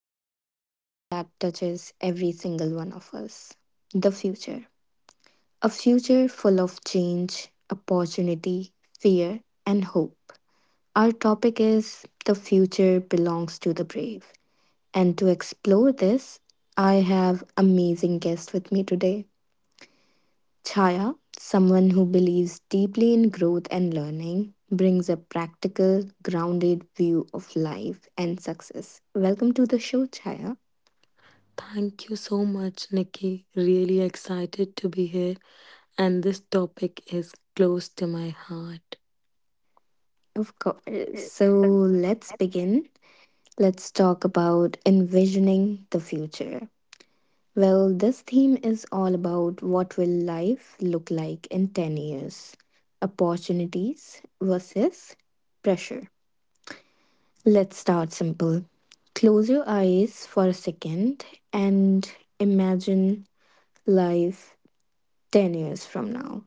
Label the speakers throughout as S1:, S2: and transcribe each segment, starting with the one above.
S1: about something that touches every single one of us the future. A future full of change, opportunity, fear, and hope. Our topic is The Future Belongs to the Brave. And to explore this, I have amazing guest with me today. Chaya, someone who believes deeply in growth and learning, brings a practical, grounded view of life and success. Welcome to the show, Chaya.
S2: Thank you so much, Nikki. Really excited to be here, and this topic is close to my heart.
S1: Of course.
S2: Yes,
S1: So
S2: so
S1: let's begin. Let's talk about envisioning the future. Well, this theme is all about what will life look like in 10 years? Opportunities versus pressure. Let's start simple. Close your eyes for a second and imagine life 10 years from now.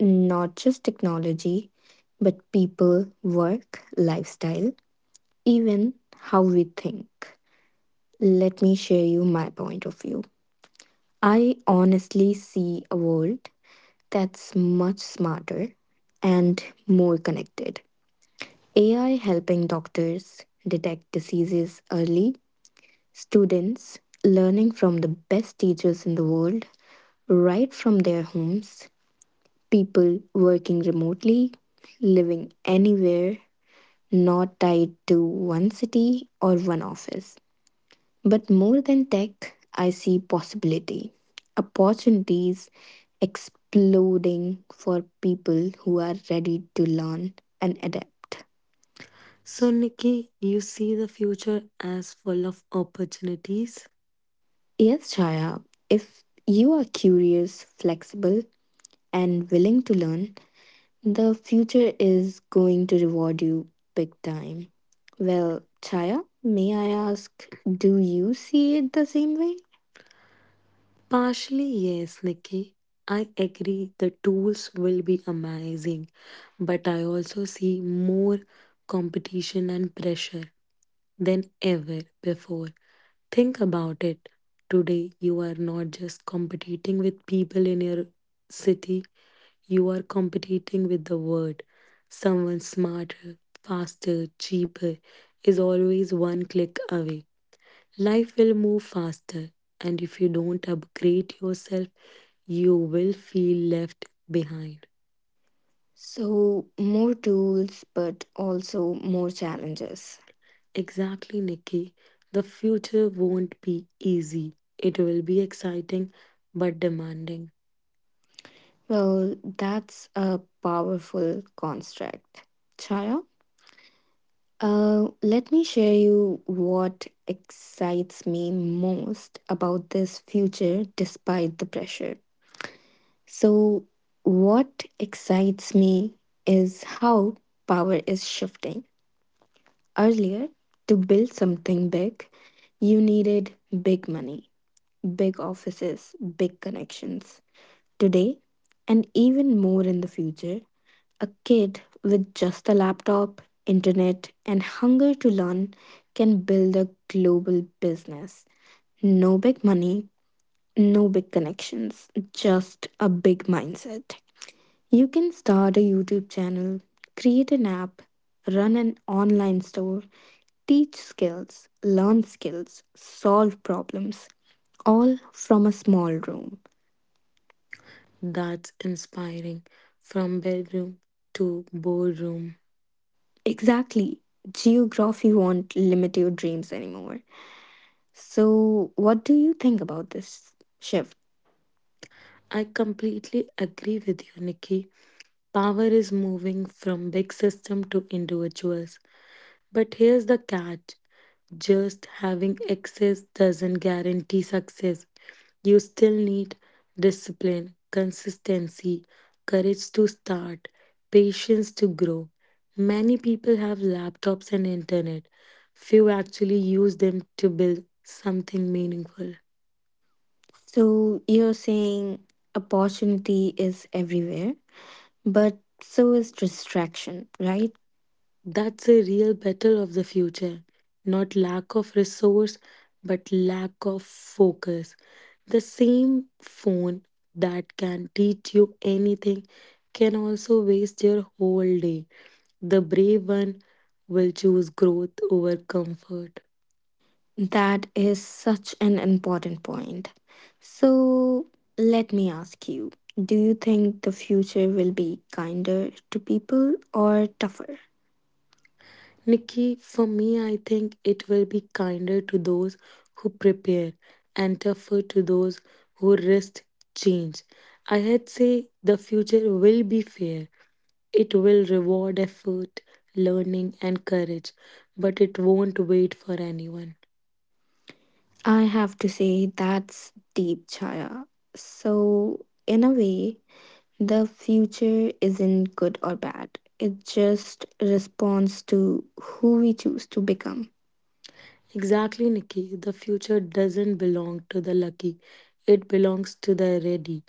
S1: Not just technology, but people, work, lifestyle, even how we think. Let me share you my point of view. I honestly see a world that's much smarter and more connected. AI helping doctors detect diseases early, students learning from the best teachers in the world, right from their homes, people working remotely, living anywhere, not tied to one city or one office. But more than tech, I see possibility, opportunities exploding for people who are ready to learn and adapt.
S2: So, Nikki, you see the future as full of opportunities?
S1: Yes, Chaya, if you are curious, flexible, and willing to learn, the future is going to reward you big time. Well, Chaya, may I ask, do you see it the same way?
S2: Partially, yes, Nikki. I agree the tools will be amazing, but I also see more competition and pressure than ever before. Think about it. Today, you are not just competing with people in your city, you are competing with the world. Someone smarter, faster, cheaper is always one click away. Life will move faster, and if you don't upgrade yourself, you will feel left behind.
S1: So, more tools, but also more challenges.
S2: Exactly, Nikki. The future won't be easy. It will be exciting but demanding.
S1: Well, that's a powerful construct. Chaya, let me share you what excites me most about this future despite the pressure. So, what excites me is how power is shifting. Earlier, to build something big, you needed big money, big offices, big connections. Today, and even more in the future, a kid with just a laptop, internet, and hunger to learn can build a global business. No big money, no big connections, just a big mindset. You can start a YouTube channel, create an app, run an online store, teach skills, learn skills, solve problems, all from a small room.
S2: That's inspiring. From bedroom to boardroom.
S1: Exactly. Geography won't limit your dreams anymore. So, what do you think about this shift?
S2: I completely agree with you, Nikki. Power is moving from big system to individuals. But here's the catch just having access doesn't guarantee success. You still need discipline, consistency, courage to start, patience to grow. Many people have laptops and internet. Few actually use them to build something meaningful.
S1: So, you're saying opportunity is everywhere, but so is distraction, right?
S2: That's a real battle of the future. Not lack of resource, but lack of focus. The same phone that can teach you anything can also waste your whole day. The brave one will choose growth over comfort.
S1: That is such an important point. So, let me ask you do you think the future will be kinder to people or tougher?
S2: Nikki, for me, I think it will be kinder to those who prepare and tougher to those who risk change. I had say the future will be fair. It will reward effort, learning, and courage, but it won't wait for anyone.
S1: I have to say that's deep, Chaya. So, in a way, the future isn't good or bad. It just responds to who we choose to become.
S2: Exactly, Nikki. The future doesn't belong to the lucky, it belongs to the ready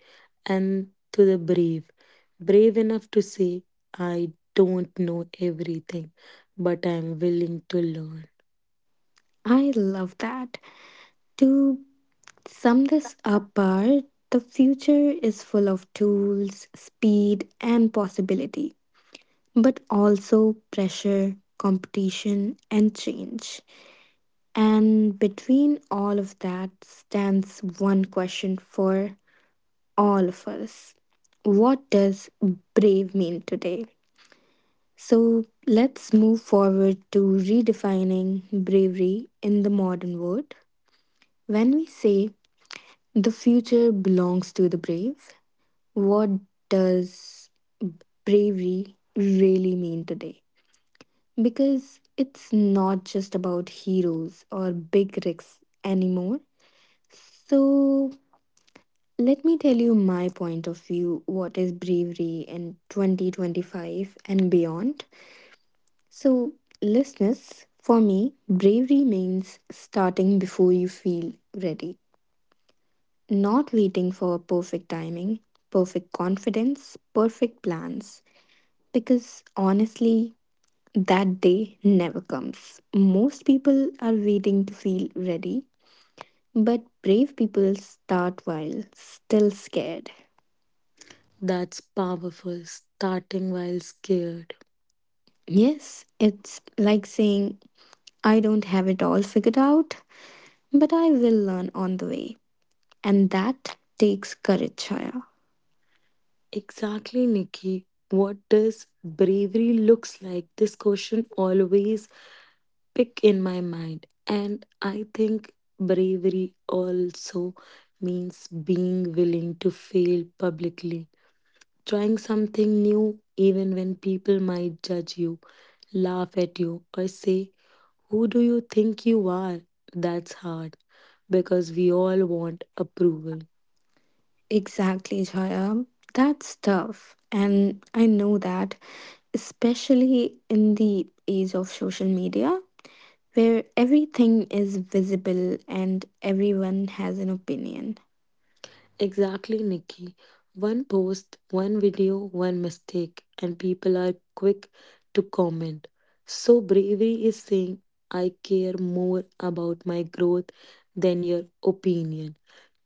S2: and to the brave. Brave enough to say, I don't know everything, but I'm willing to learn.
S1: I love that. To sum this up, Par, the future is full of tools, speed, and possibility, but also pressure, competition, and change. And between all of that stands one question for all of us: what does brave mean today? So let's move forward to redefining bravery in the modern world. When we say the future belongs to the brave, what does bravery really mean today? Because it's not just about heroes or big risks anymore. So, let me tell you my point of view what is bravery in 2025 and beyond. So, listeners, for me, bravery means starting before you feel ready, not waiting for perfect timing, perfect confidence, perfect plans. Because honestly, that day never comes. Most people are waiting to feel ready, but brave people start while still scared.
S2: That's powerful, starting while scared.
S1: Yes, it's like saying, I don't have it all figured out, but I will learn on the way. And that takes courage, Chaya.
S2: Exactly, Nikki. What does bravery looks like? This question always pick in my mind. And I think bravery also means being willing to fail publicly. Trying something new even when people might judge you, laugh at you, or say, who do you think you are? That's hard because we all want approval.
S1: Exactly, Chaya. That's tough. And I know that, especially in the age of social media, where everything is visible and everyone has an opinion.
S2: Exactly, Nikki. One post, one video, one mistake, and people are quick to comment. So, bravery is saying, I care more about my growth than your opinion.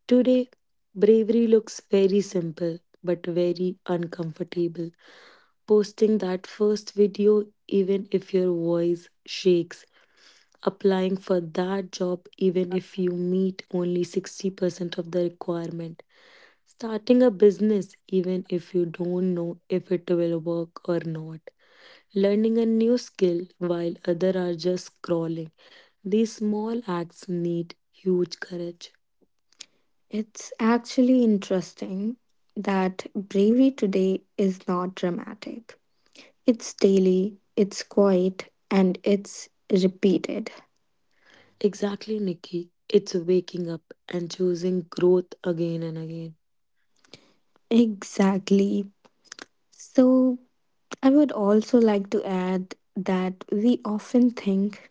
S2: Today, bravery looks very simple but very uncomfortable. Posting that first video, even if your voice shakes, applying for that job, even if you meet only 60% of the requirement. Starting a business, even if you don't know if it will work or not. Learning a new skill while others are just scrolling. These small acts need huge courage.
S1: It's actually interesting that bravery today is not dramatic. It's daily, it's quiet, and it's repeated.
S2: Exactly, Nikki. It's waking up and choosing growth again and again.
S1: Exactly. So, I would also like to add that we often think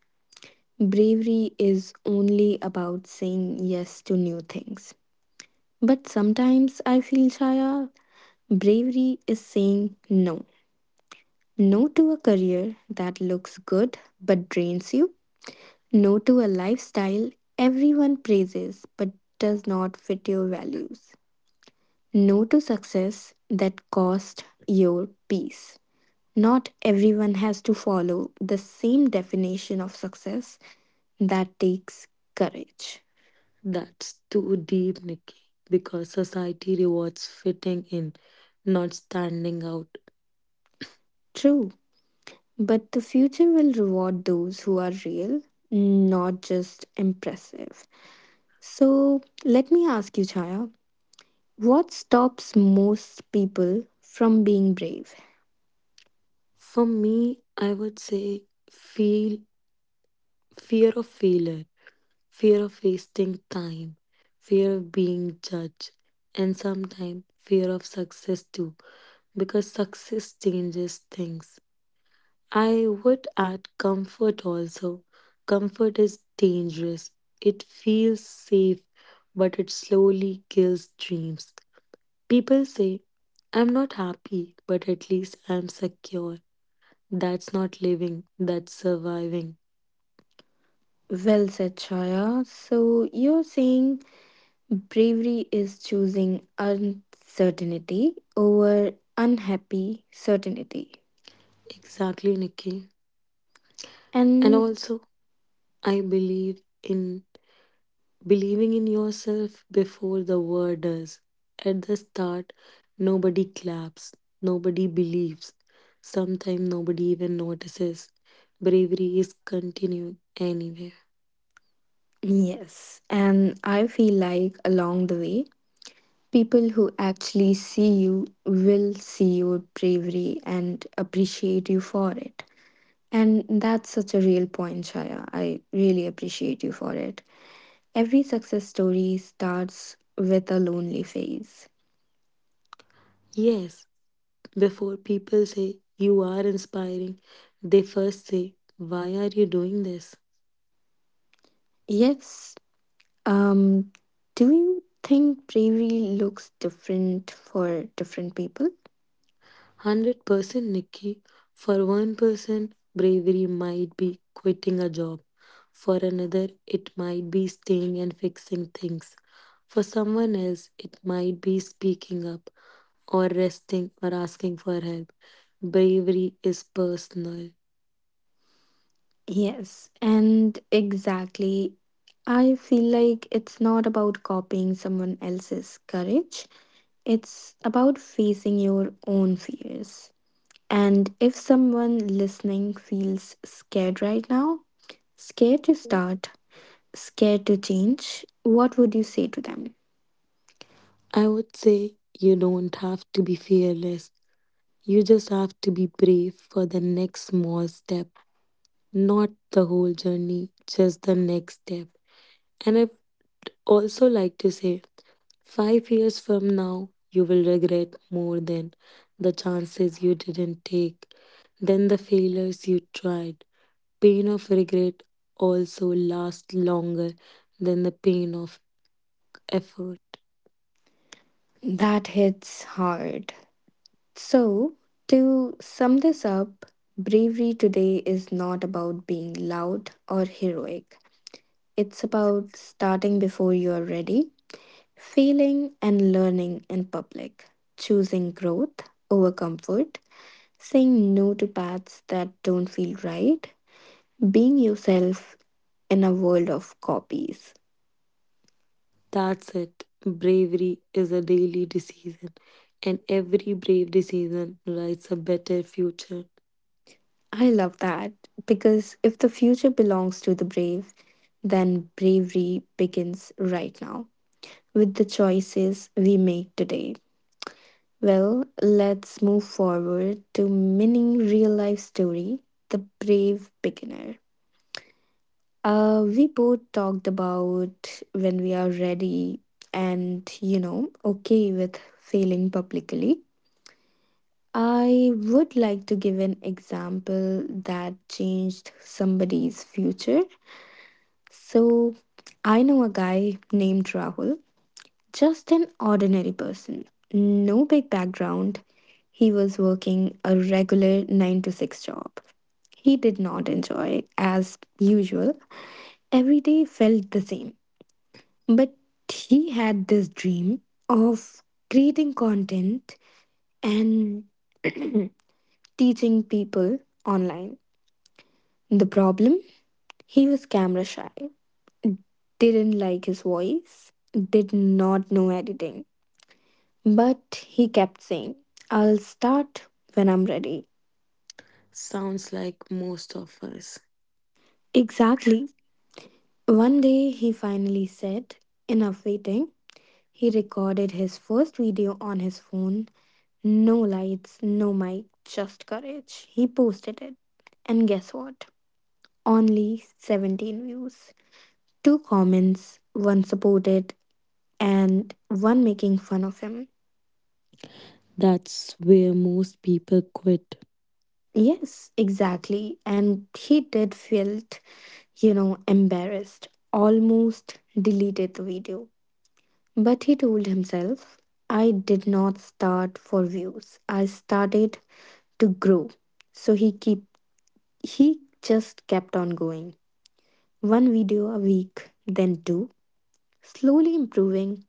S1: bravery is only about saying yes to new things. But sometimes I feel, Chaya, bravery is saying no. No to a career that looks good but drains you. No to a lifestyle everyone praises but does not fit your values. No to success that cost your peace. Not everyone has to follow the same definition of success that takes courage.
S2: That's too deep, Nikki, because society rewards fitting in, not standing out.
S1: True, but the future will reward those who are real, not just impressive. So let me ask you, Chaya, what stops most people from being brave?
S2: For me, I would say feel fear of failure, fear of wasting time, fear of being judged, and sometimes fear of success too, because success changes things. I would add comfort also. Comfort is dangerous. It feels safe, but it slowly kills dreams. People say, I'm not happy, but at least I'm secure. That's not living, that's surviving.
S1: Well said, Chaya. So you're saying bravery is choosing uncertainty over unhappy certainty.
S2: Exactly, Nikki. And
S1: And
S2: also, I believe in believing in yourself before the world does. At the start, nobody claps, nobody believes. Sometimes nobody even notices. Bravery is continued anyway.
S1: yes, and I feel like along the way, people who actually see you will see your bravery and appreciate you for it. And that's such a real point, Shaya. I really appreciate you for it. Every success story starts with a lonely phase.
S2: Yes, before people say you are inspiring, they first say, why are you doing this?
S1: Yes. Um, do you think bravery looks different for different people?
S2: 100% Nikki. For one person, bravery might be quitting a job. For another, it might be staying and fixing things. For someone else, it might be speaking up or resting or asking for help. Bravery is personal.
S1: Yes, and exactly. I feel like it's not about copying someone else's courage, it's about facing your own fears. And if someone listening feels scared right now, scared to start, scared to change, what would you say to them?
S2: I would say you don't have to be fearless. You just have to be brave for the next small step, not the whole journey, just the next step. And I would also like to say, 5 years from now, you will regret more than the chances you didn't take, than the failures you tried. Pain of regret also lasts longer than the pain of effort.
S1: That hits hard. So, to sum this up, bravery today is not about being loud or heroic. It's about starting before you're ready, failing and learning in public, choosing growth over comfort, saying no to paths that don't feel right, being yourself in a world of copies.
S2: That's it. Bravery is a daily decision, and every brave decision writes a better future.
S1: I love that because if the future belongs to the brave, then bravery begins right now with the choices we make today. Well, let's move forward to mini real life story: The Brave Beginner. We both talked about when we are ready and you know okay with failing publicly. I would like to give an example that changed somebody's future. So, I know a guy named Rahul, just an ordinary person, no big background. He was working a regular 9 to 6 job. He did not enjoy as usual. Every day felt the same. But he had this dream of creating content and teaching people online. The problem? He was camera shy, didn't like his voice, did not know editing. But he kept saying, I'll start when I'm ready.
S2: Sounds like most of us.
S1: Exactly. One day he finally said, enough waiting. He recorded his first video on his phone. No lights, no mic, just courage. He posted it. And guess what? Only 17 views. Two comments, one supported, and one making fun of him.
S2: That's where most people quit.
S1: Yes, exactly. And he did felt, you know, embarrassed, almost deleted the video. But he told himself, I did not start for views. I started to grow. So he keep he just kept on going. One video a week, then two, slowly improving,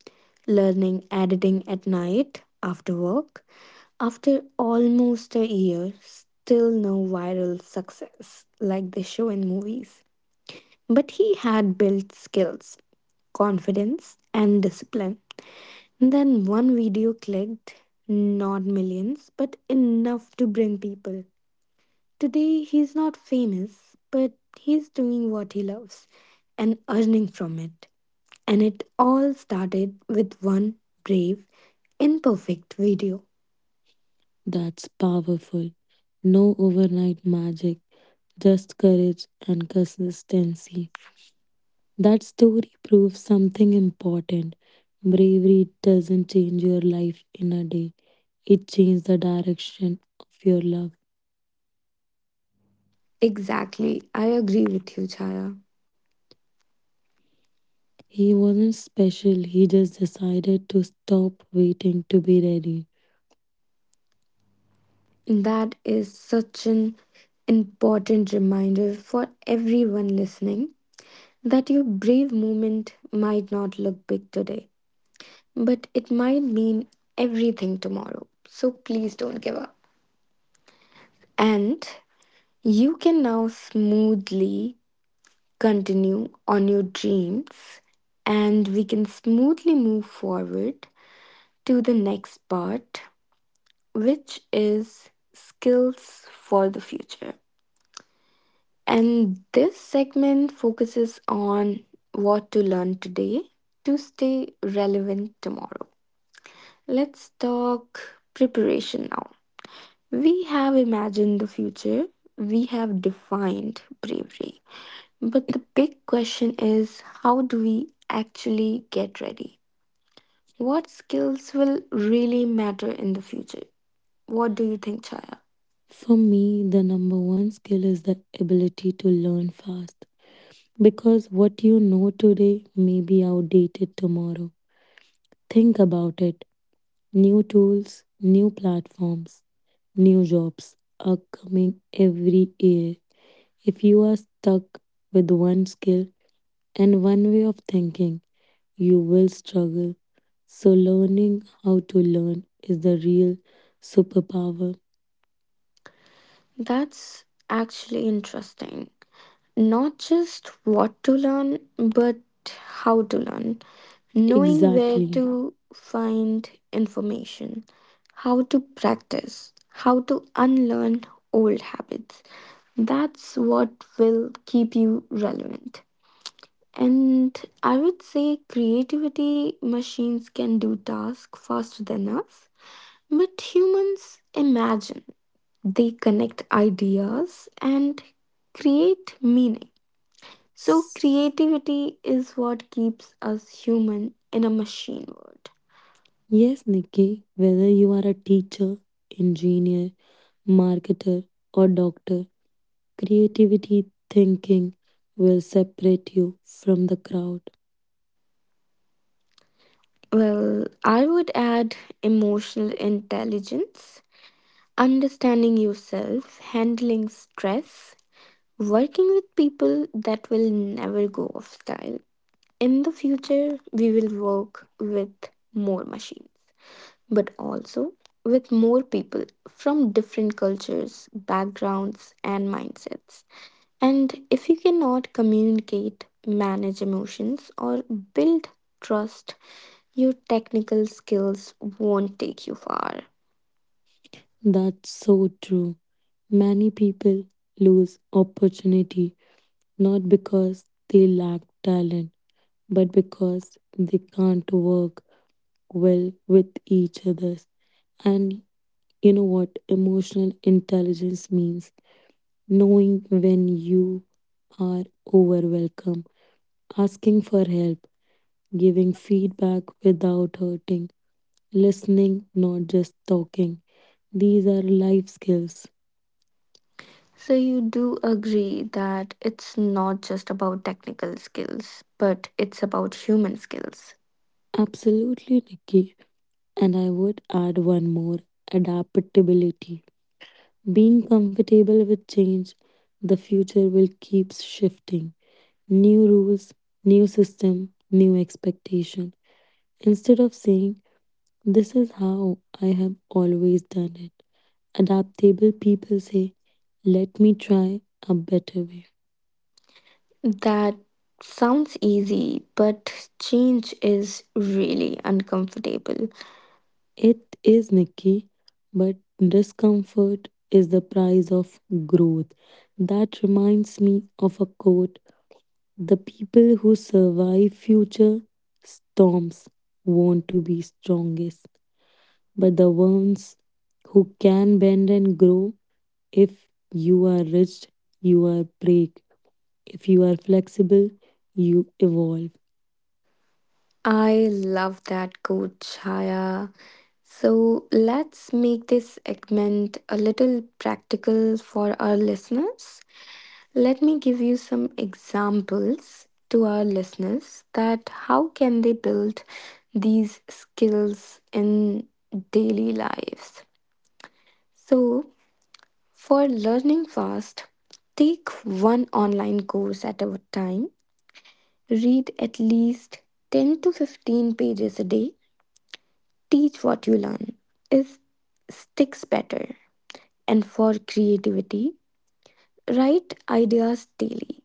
S1: learning editing at night after work. After almost a year, still no viral success like they show in movies. But he had built skills, confidence, and discipline. Then one video clicked, not millions, but enough to bring people. Today, he's not famous, but he's doing what he loves and earning from it. And it all started with one brave, imperfect video.
S2: That's powerful. No overnight magic, just courage and consistency. That story proves something important. Bravery doesn't change your life in a day, it changed the direction of your love.
S1: Exactly. I agree with you, Chaya.
S2: He wasn't special, he just decided to stop waiting to be ready.
S1: That is such an important reminder for everyone listening that your brave moment might not look big today, but it might mean everything tomorrow. So please don't give up. And you can now smoothly continue on your dreams, and we can smoothly move forward to the next part, which is skills for the future. And this segment focuses on what to learn today to stay relevant tomorrow. Let's talk preparation now. We have imagined the future, we have defined bravery. But the big question is how do we actually get ready? What skills will really matter in the future? What do you think, Chaya?
S2: For me, the number one skill is the ability to learn fast because what you know today may be outdated tomorrow. Think about it. New tools, new platforms, new jobs are coming every year. If you are stuck with one skill and one way of thinking, you will struggle. So, learning how to learn is the real superpower.
S1: That's actually interesting. Not just what to learn, but how to learn. Knowing where
S2: Exactly.
S1: to find information, how to practice, how to unlearn old habits. That's what will keep you relevant. And I would say creativity machines can do tasks faster than us, but humans imagine. They connect ideas and create meaning. So,
S2: S-
S1: creativity is what keeps us human in a machine world.
S2: Yes, Nikki, whether you are a teacher, engineer, marketer, or doctor, creativity thinking will separate you from the crowd.
S1: Well, I would add emotional intelligence, understanding yourself, handling stress, working with people that will never go off style. In the future, we will work with more machines, but also with more people from different cultures, backgrounds, and mindsets. And if you cannot communicate, manage emotions, or build trust, your technical skills won't take you far.
S2: That's so true. Many people lose opportunity not because they lack talent, but because they can't work well with each other. And you know what emotional intelligence means? Knowing when you are overwhelmed, asking for help, giving feedback without hurting, listening, not just talking. These are life skills.
S1: So, you do agree that it's not just about technical skills, but it's about human skills.
S2: Absolutely, Nikki. And I would add one more, adaptability. Being comfortable with change, the future will keep shifting. New rules, new system, new expectation. Instead of saying, this is how I have always done it, adaptable people say, let me try a better way.
S1: That sounds easy, but change is really uncomfortable.
S2: It is, Nikki, but discomfort is the price of growth. That reminds me of a quote. The people who survive future storms want to be strongest, but the ones who can bend and grow, if you are rich, you are break. If you are flexible, you evolve.
S1: I love that quote, Chaya. So let's make this segment a little practical for our listeners. Let me give you some examples to our listeners that how can they build these skills in daily lives. So for learning fast, take one online course at a time, read at least 10 to 15 pages a day, teach what you learn, is sticks better. And for creativity, write ideas daily,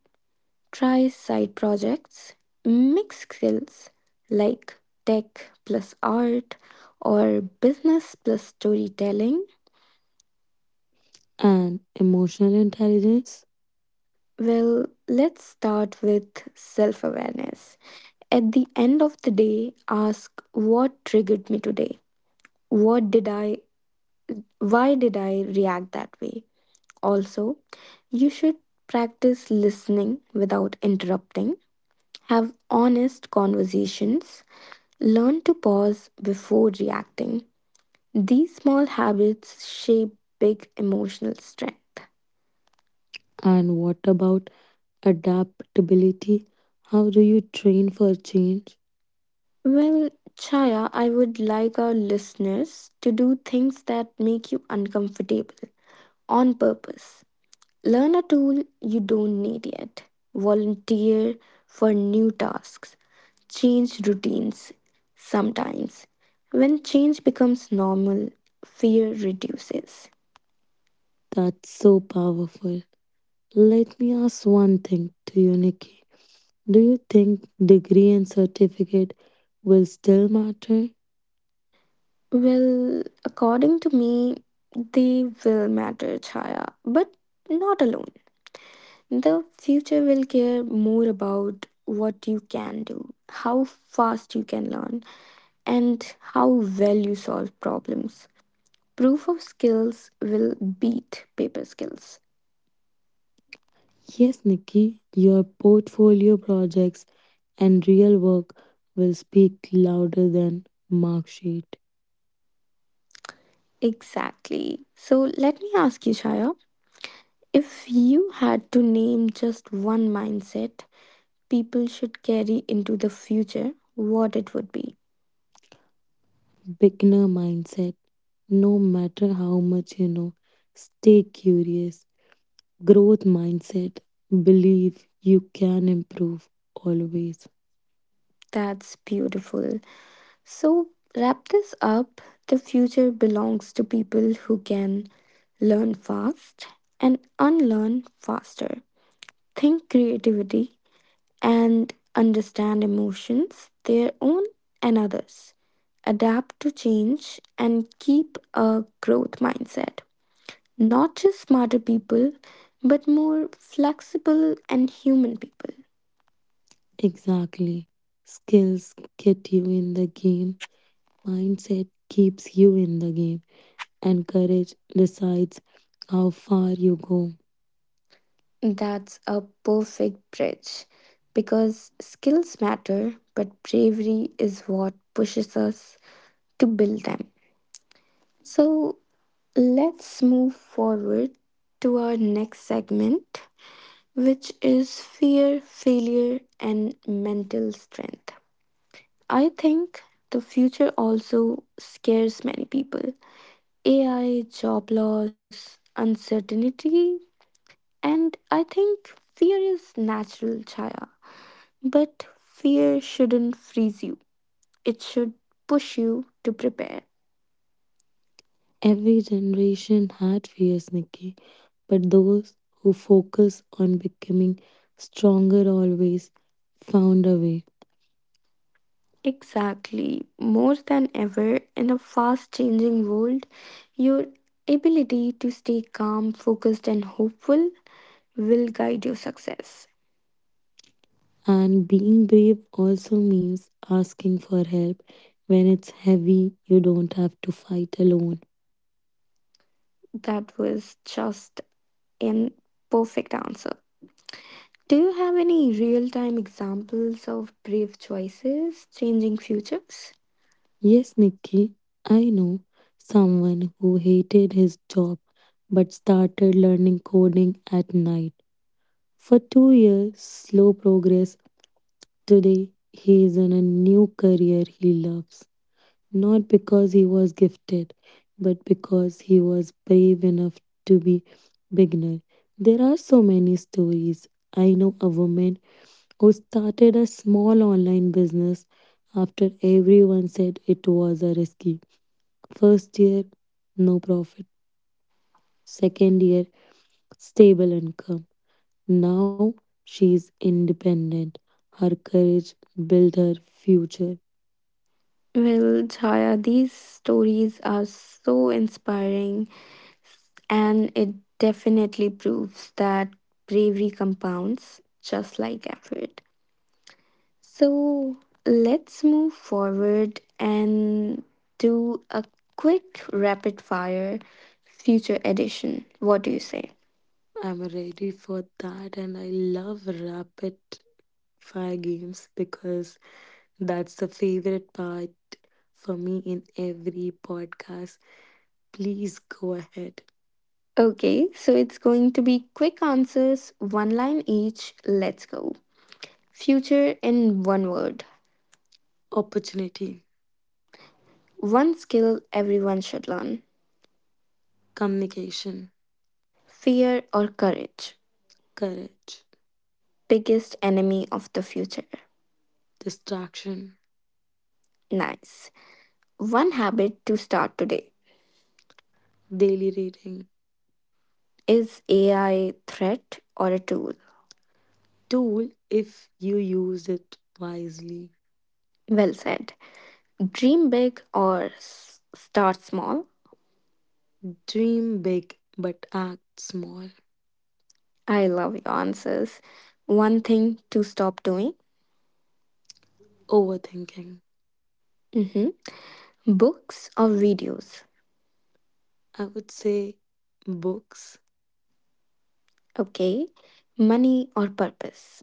S1: try side projects, mix skills like tech plus art or business plus storytelling.
S2: And emotional intelligence?
S1: Well, let's start with self-awareness. At the end of the day, ask what triggered me today, what did I why did I react that way. Also, you should practice listening without interrupting, have honest conversations, learn to pause before reacting. These small habits shape big emotional strength.
S2: And what about adaptability? How do you train for change?
S1: Well, Chaya, I would like our listeners to do things that make you uncomfortable on purpose. Learn a tool you don't need yet. Volunteer for new tasks. Change routines sometimes. When change becomes normal, fear reduces.
S2: That's so powerful. Let me ask one thing to you, Nikki. Do you think degree and certificate will still matter?
S1: Well, according to me, they will matter, Chaya, but not alone. The future will care more about what you can do, how fast you can learn, and how well you solve problems. Proof of skills will beat paper skills.
S2: Yes, Nikki, your portfolio projects and real work will speak louder than mark sheet.
S1: Exactly. So let me ask you, Shaya, if you had to name just one mindset people should carry into the future, what it would be.
S2: Beginner mindset. No matter how much you know, stay curious. Growth mindset. Believe you can improve always.
S1: That's beautiful. So wrap this up. The future belongs to people who can learn fast and unlearn faster. Think creativity, and understand emotions, their own and others, adapt to change, and keep a growth mindset. Not just smarter people, but more flexible and human people.
S2: Exactly. Skills get you in the game. Mindset keeps you in the game. And courage decides how far you go.
S1: That's a perfect bridge because skills matter, but bravery is what pushes us to build them. So let's move forward to our next segment, which is fear, failure, and mental strength. I think the future also scares many people. AI, job loss, uncertainty, and I think fear is natural, Chaya. But fear shouldn't freeze you, it should push you to prepare.
S2: Every generation had fears, Nikki. But those who focus on becoming stronger always found a way.
S1: Exactly. More than ever, in a fast changing world, your ability to stay calm, focused, and hopeful will guide your success.
S2: And being brave also means asking for help. When it's heavy, you don't have to fight alone.
S1: That was just an perfect answer. Do you have any real time examples of brave choices changing futures?
S2: Yes, Nikki, I know someone who hated his job but started learning coding at night. For 2 years, slow progress. Today, he is in a new career he loves. Not because he was gifted, but because he was brave enough to be beginner. There are so many stories. I know a woman who started a small online business after everyone said it was a risky. First year, no profit. Second year, stable income. Now she's independent. Her courage built her future.
S1: Well, Chaya, these stories are so inspiring and it definitely proves that bravery compounds just like effort. So let's move forward and do a quick rapid fire future edition. What do you say?
S2: I'm ready for that, and I love rapid fire games because that's the favorite part for me in every podcast. Please go ahead.
S1: Okay, so it's going to be quick answers, one line each. Let's go. Future in one word.
S2: Opportunity,
S1: One skill everyone should learn.
S2: communication,
S1: Fear or courage?
S2: courage,
S1: Biggest enemy of the future.
S2: distraction,
S1: Nice. One habit to start today.
S2: daily rating,
S1: Is AI threat or a tool?
S2: tool if you use it wisely.
S1: Well said. Dream big or start small?
S2: Dream big but act small.
S1: I love your answers. One thing to stop doing?
S2: Overthinking.
S1: Hmm. Books or videos?
S2: I would say books.
S1: Okay. Money or purpose?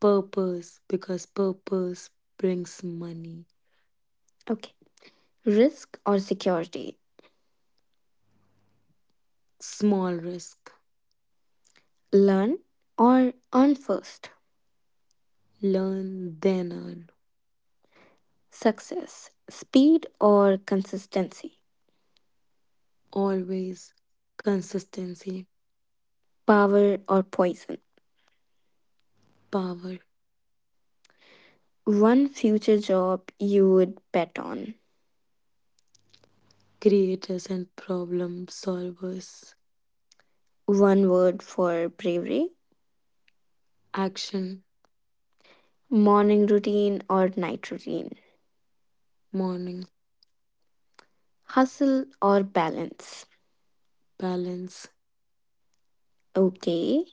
S2: Purpose, because purpose brings money.
S1: Okay. Risk or security?
S2: Small risk.
S1: Learn or earn first?
S2: Learn, then earn.
S1: Success? Speed or consistency?
S2: Always consistency,
S1: Power or poison?
S2: power,
S1: One future job you would bet on?
S2: creators and problem solvers.
S1: One word for bravery?
S2: Action,
S1: Morning routine or night routine?
S2: morning,
S1: Hustle or balance?
S2: balance,
S1: Okay.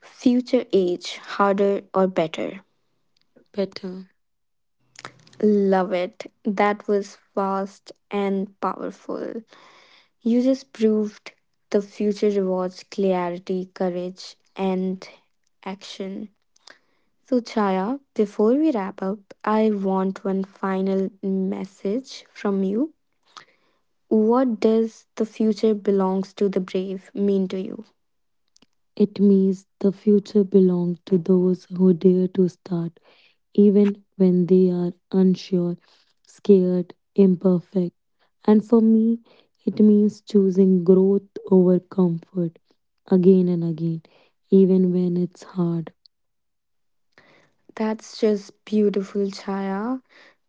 S1: Future age, harder or better?
S2: better.
S1: Love it. That was fast and powerful. You just proved the future rewards clarity, courage, and action. So, Chaya, before we wrap up, I want one final message from you. What does the future belongs to the brave mean to you?
S2: It means the future belongs to those who dare to start even when they are unsure, scared, imperfect. And for me, it means choosing growth over comfort again and again, even when it's hard.
S1: That's just beautiful, Chaya.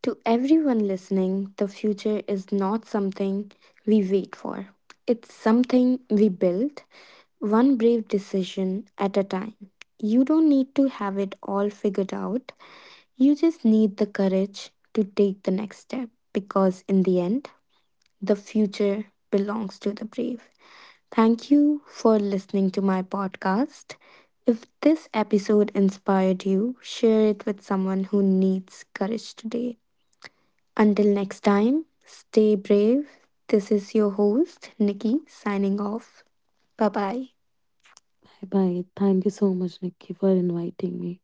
S1: To everyone listening, the future is not something we wait for, it's something we build, one brave decision at a time. You don't need to have it all figured out, you just need the courage to take the next step because, in the end, the future belongs to the brave. Thank you for listening to my podcast. If this episode inspired you, share it with someone who needs courage today. Until next time, stay brave. This is your host, Nikki, signing off. Bye bye.
S2: Bye bye. Thank you so much, Nikki, for inviting me.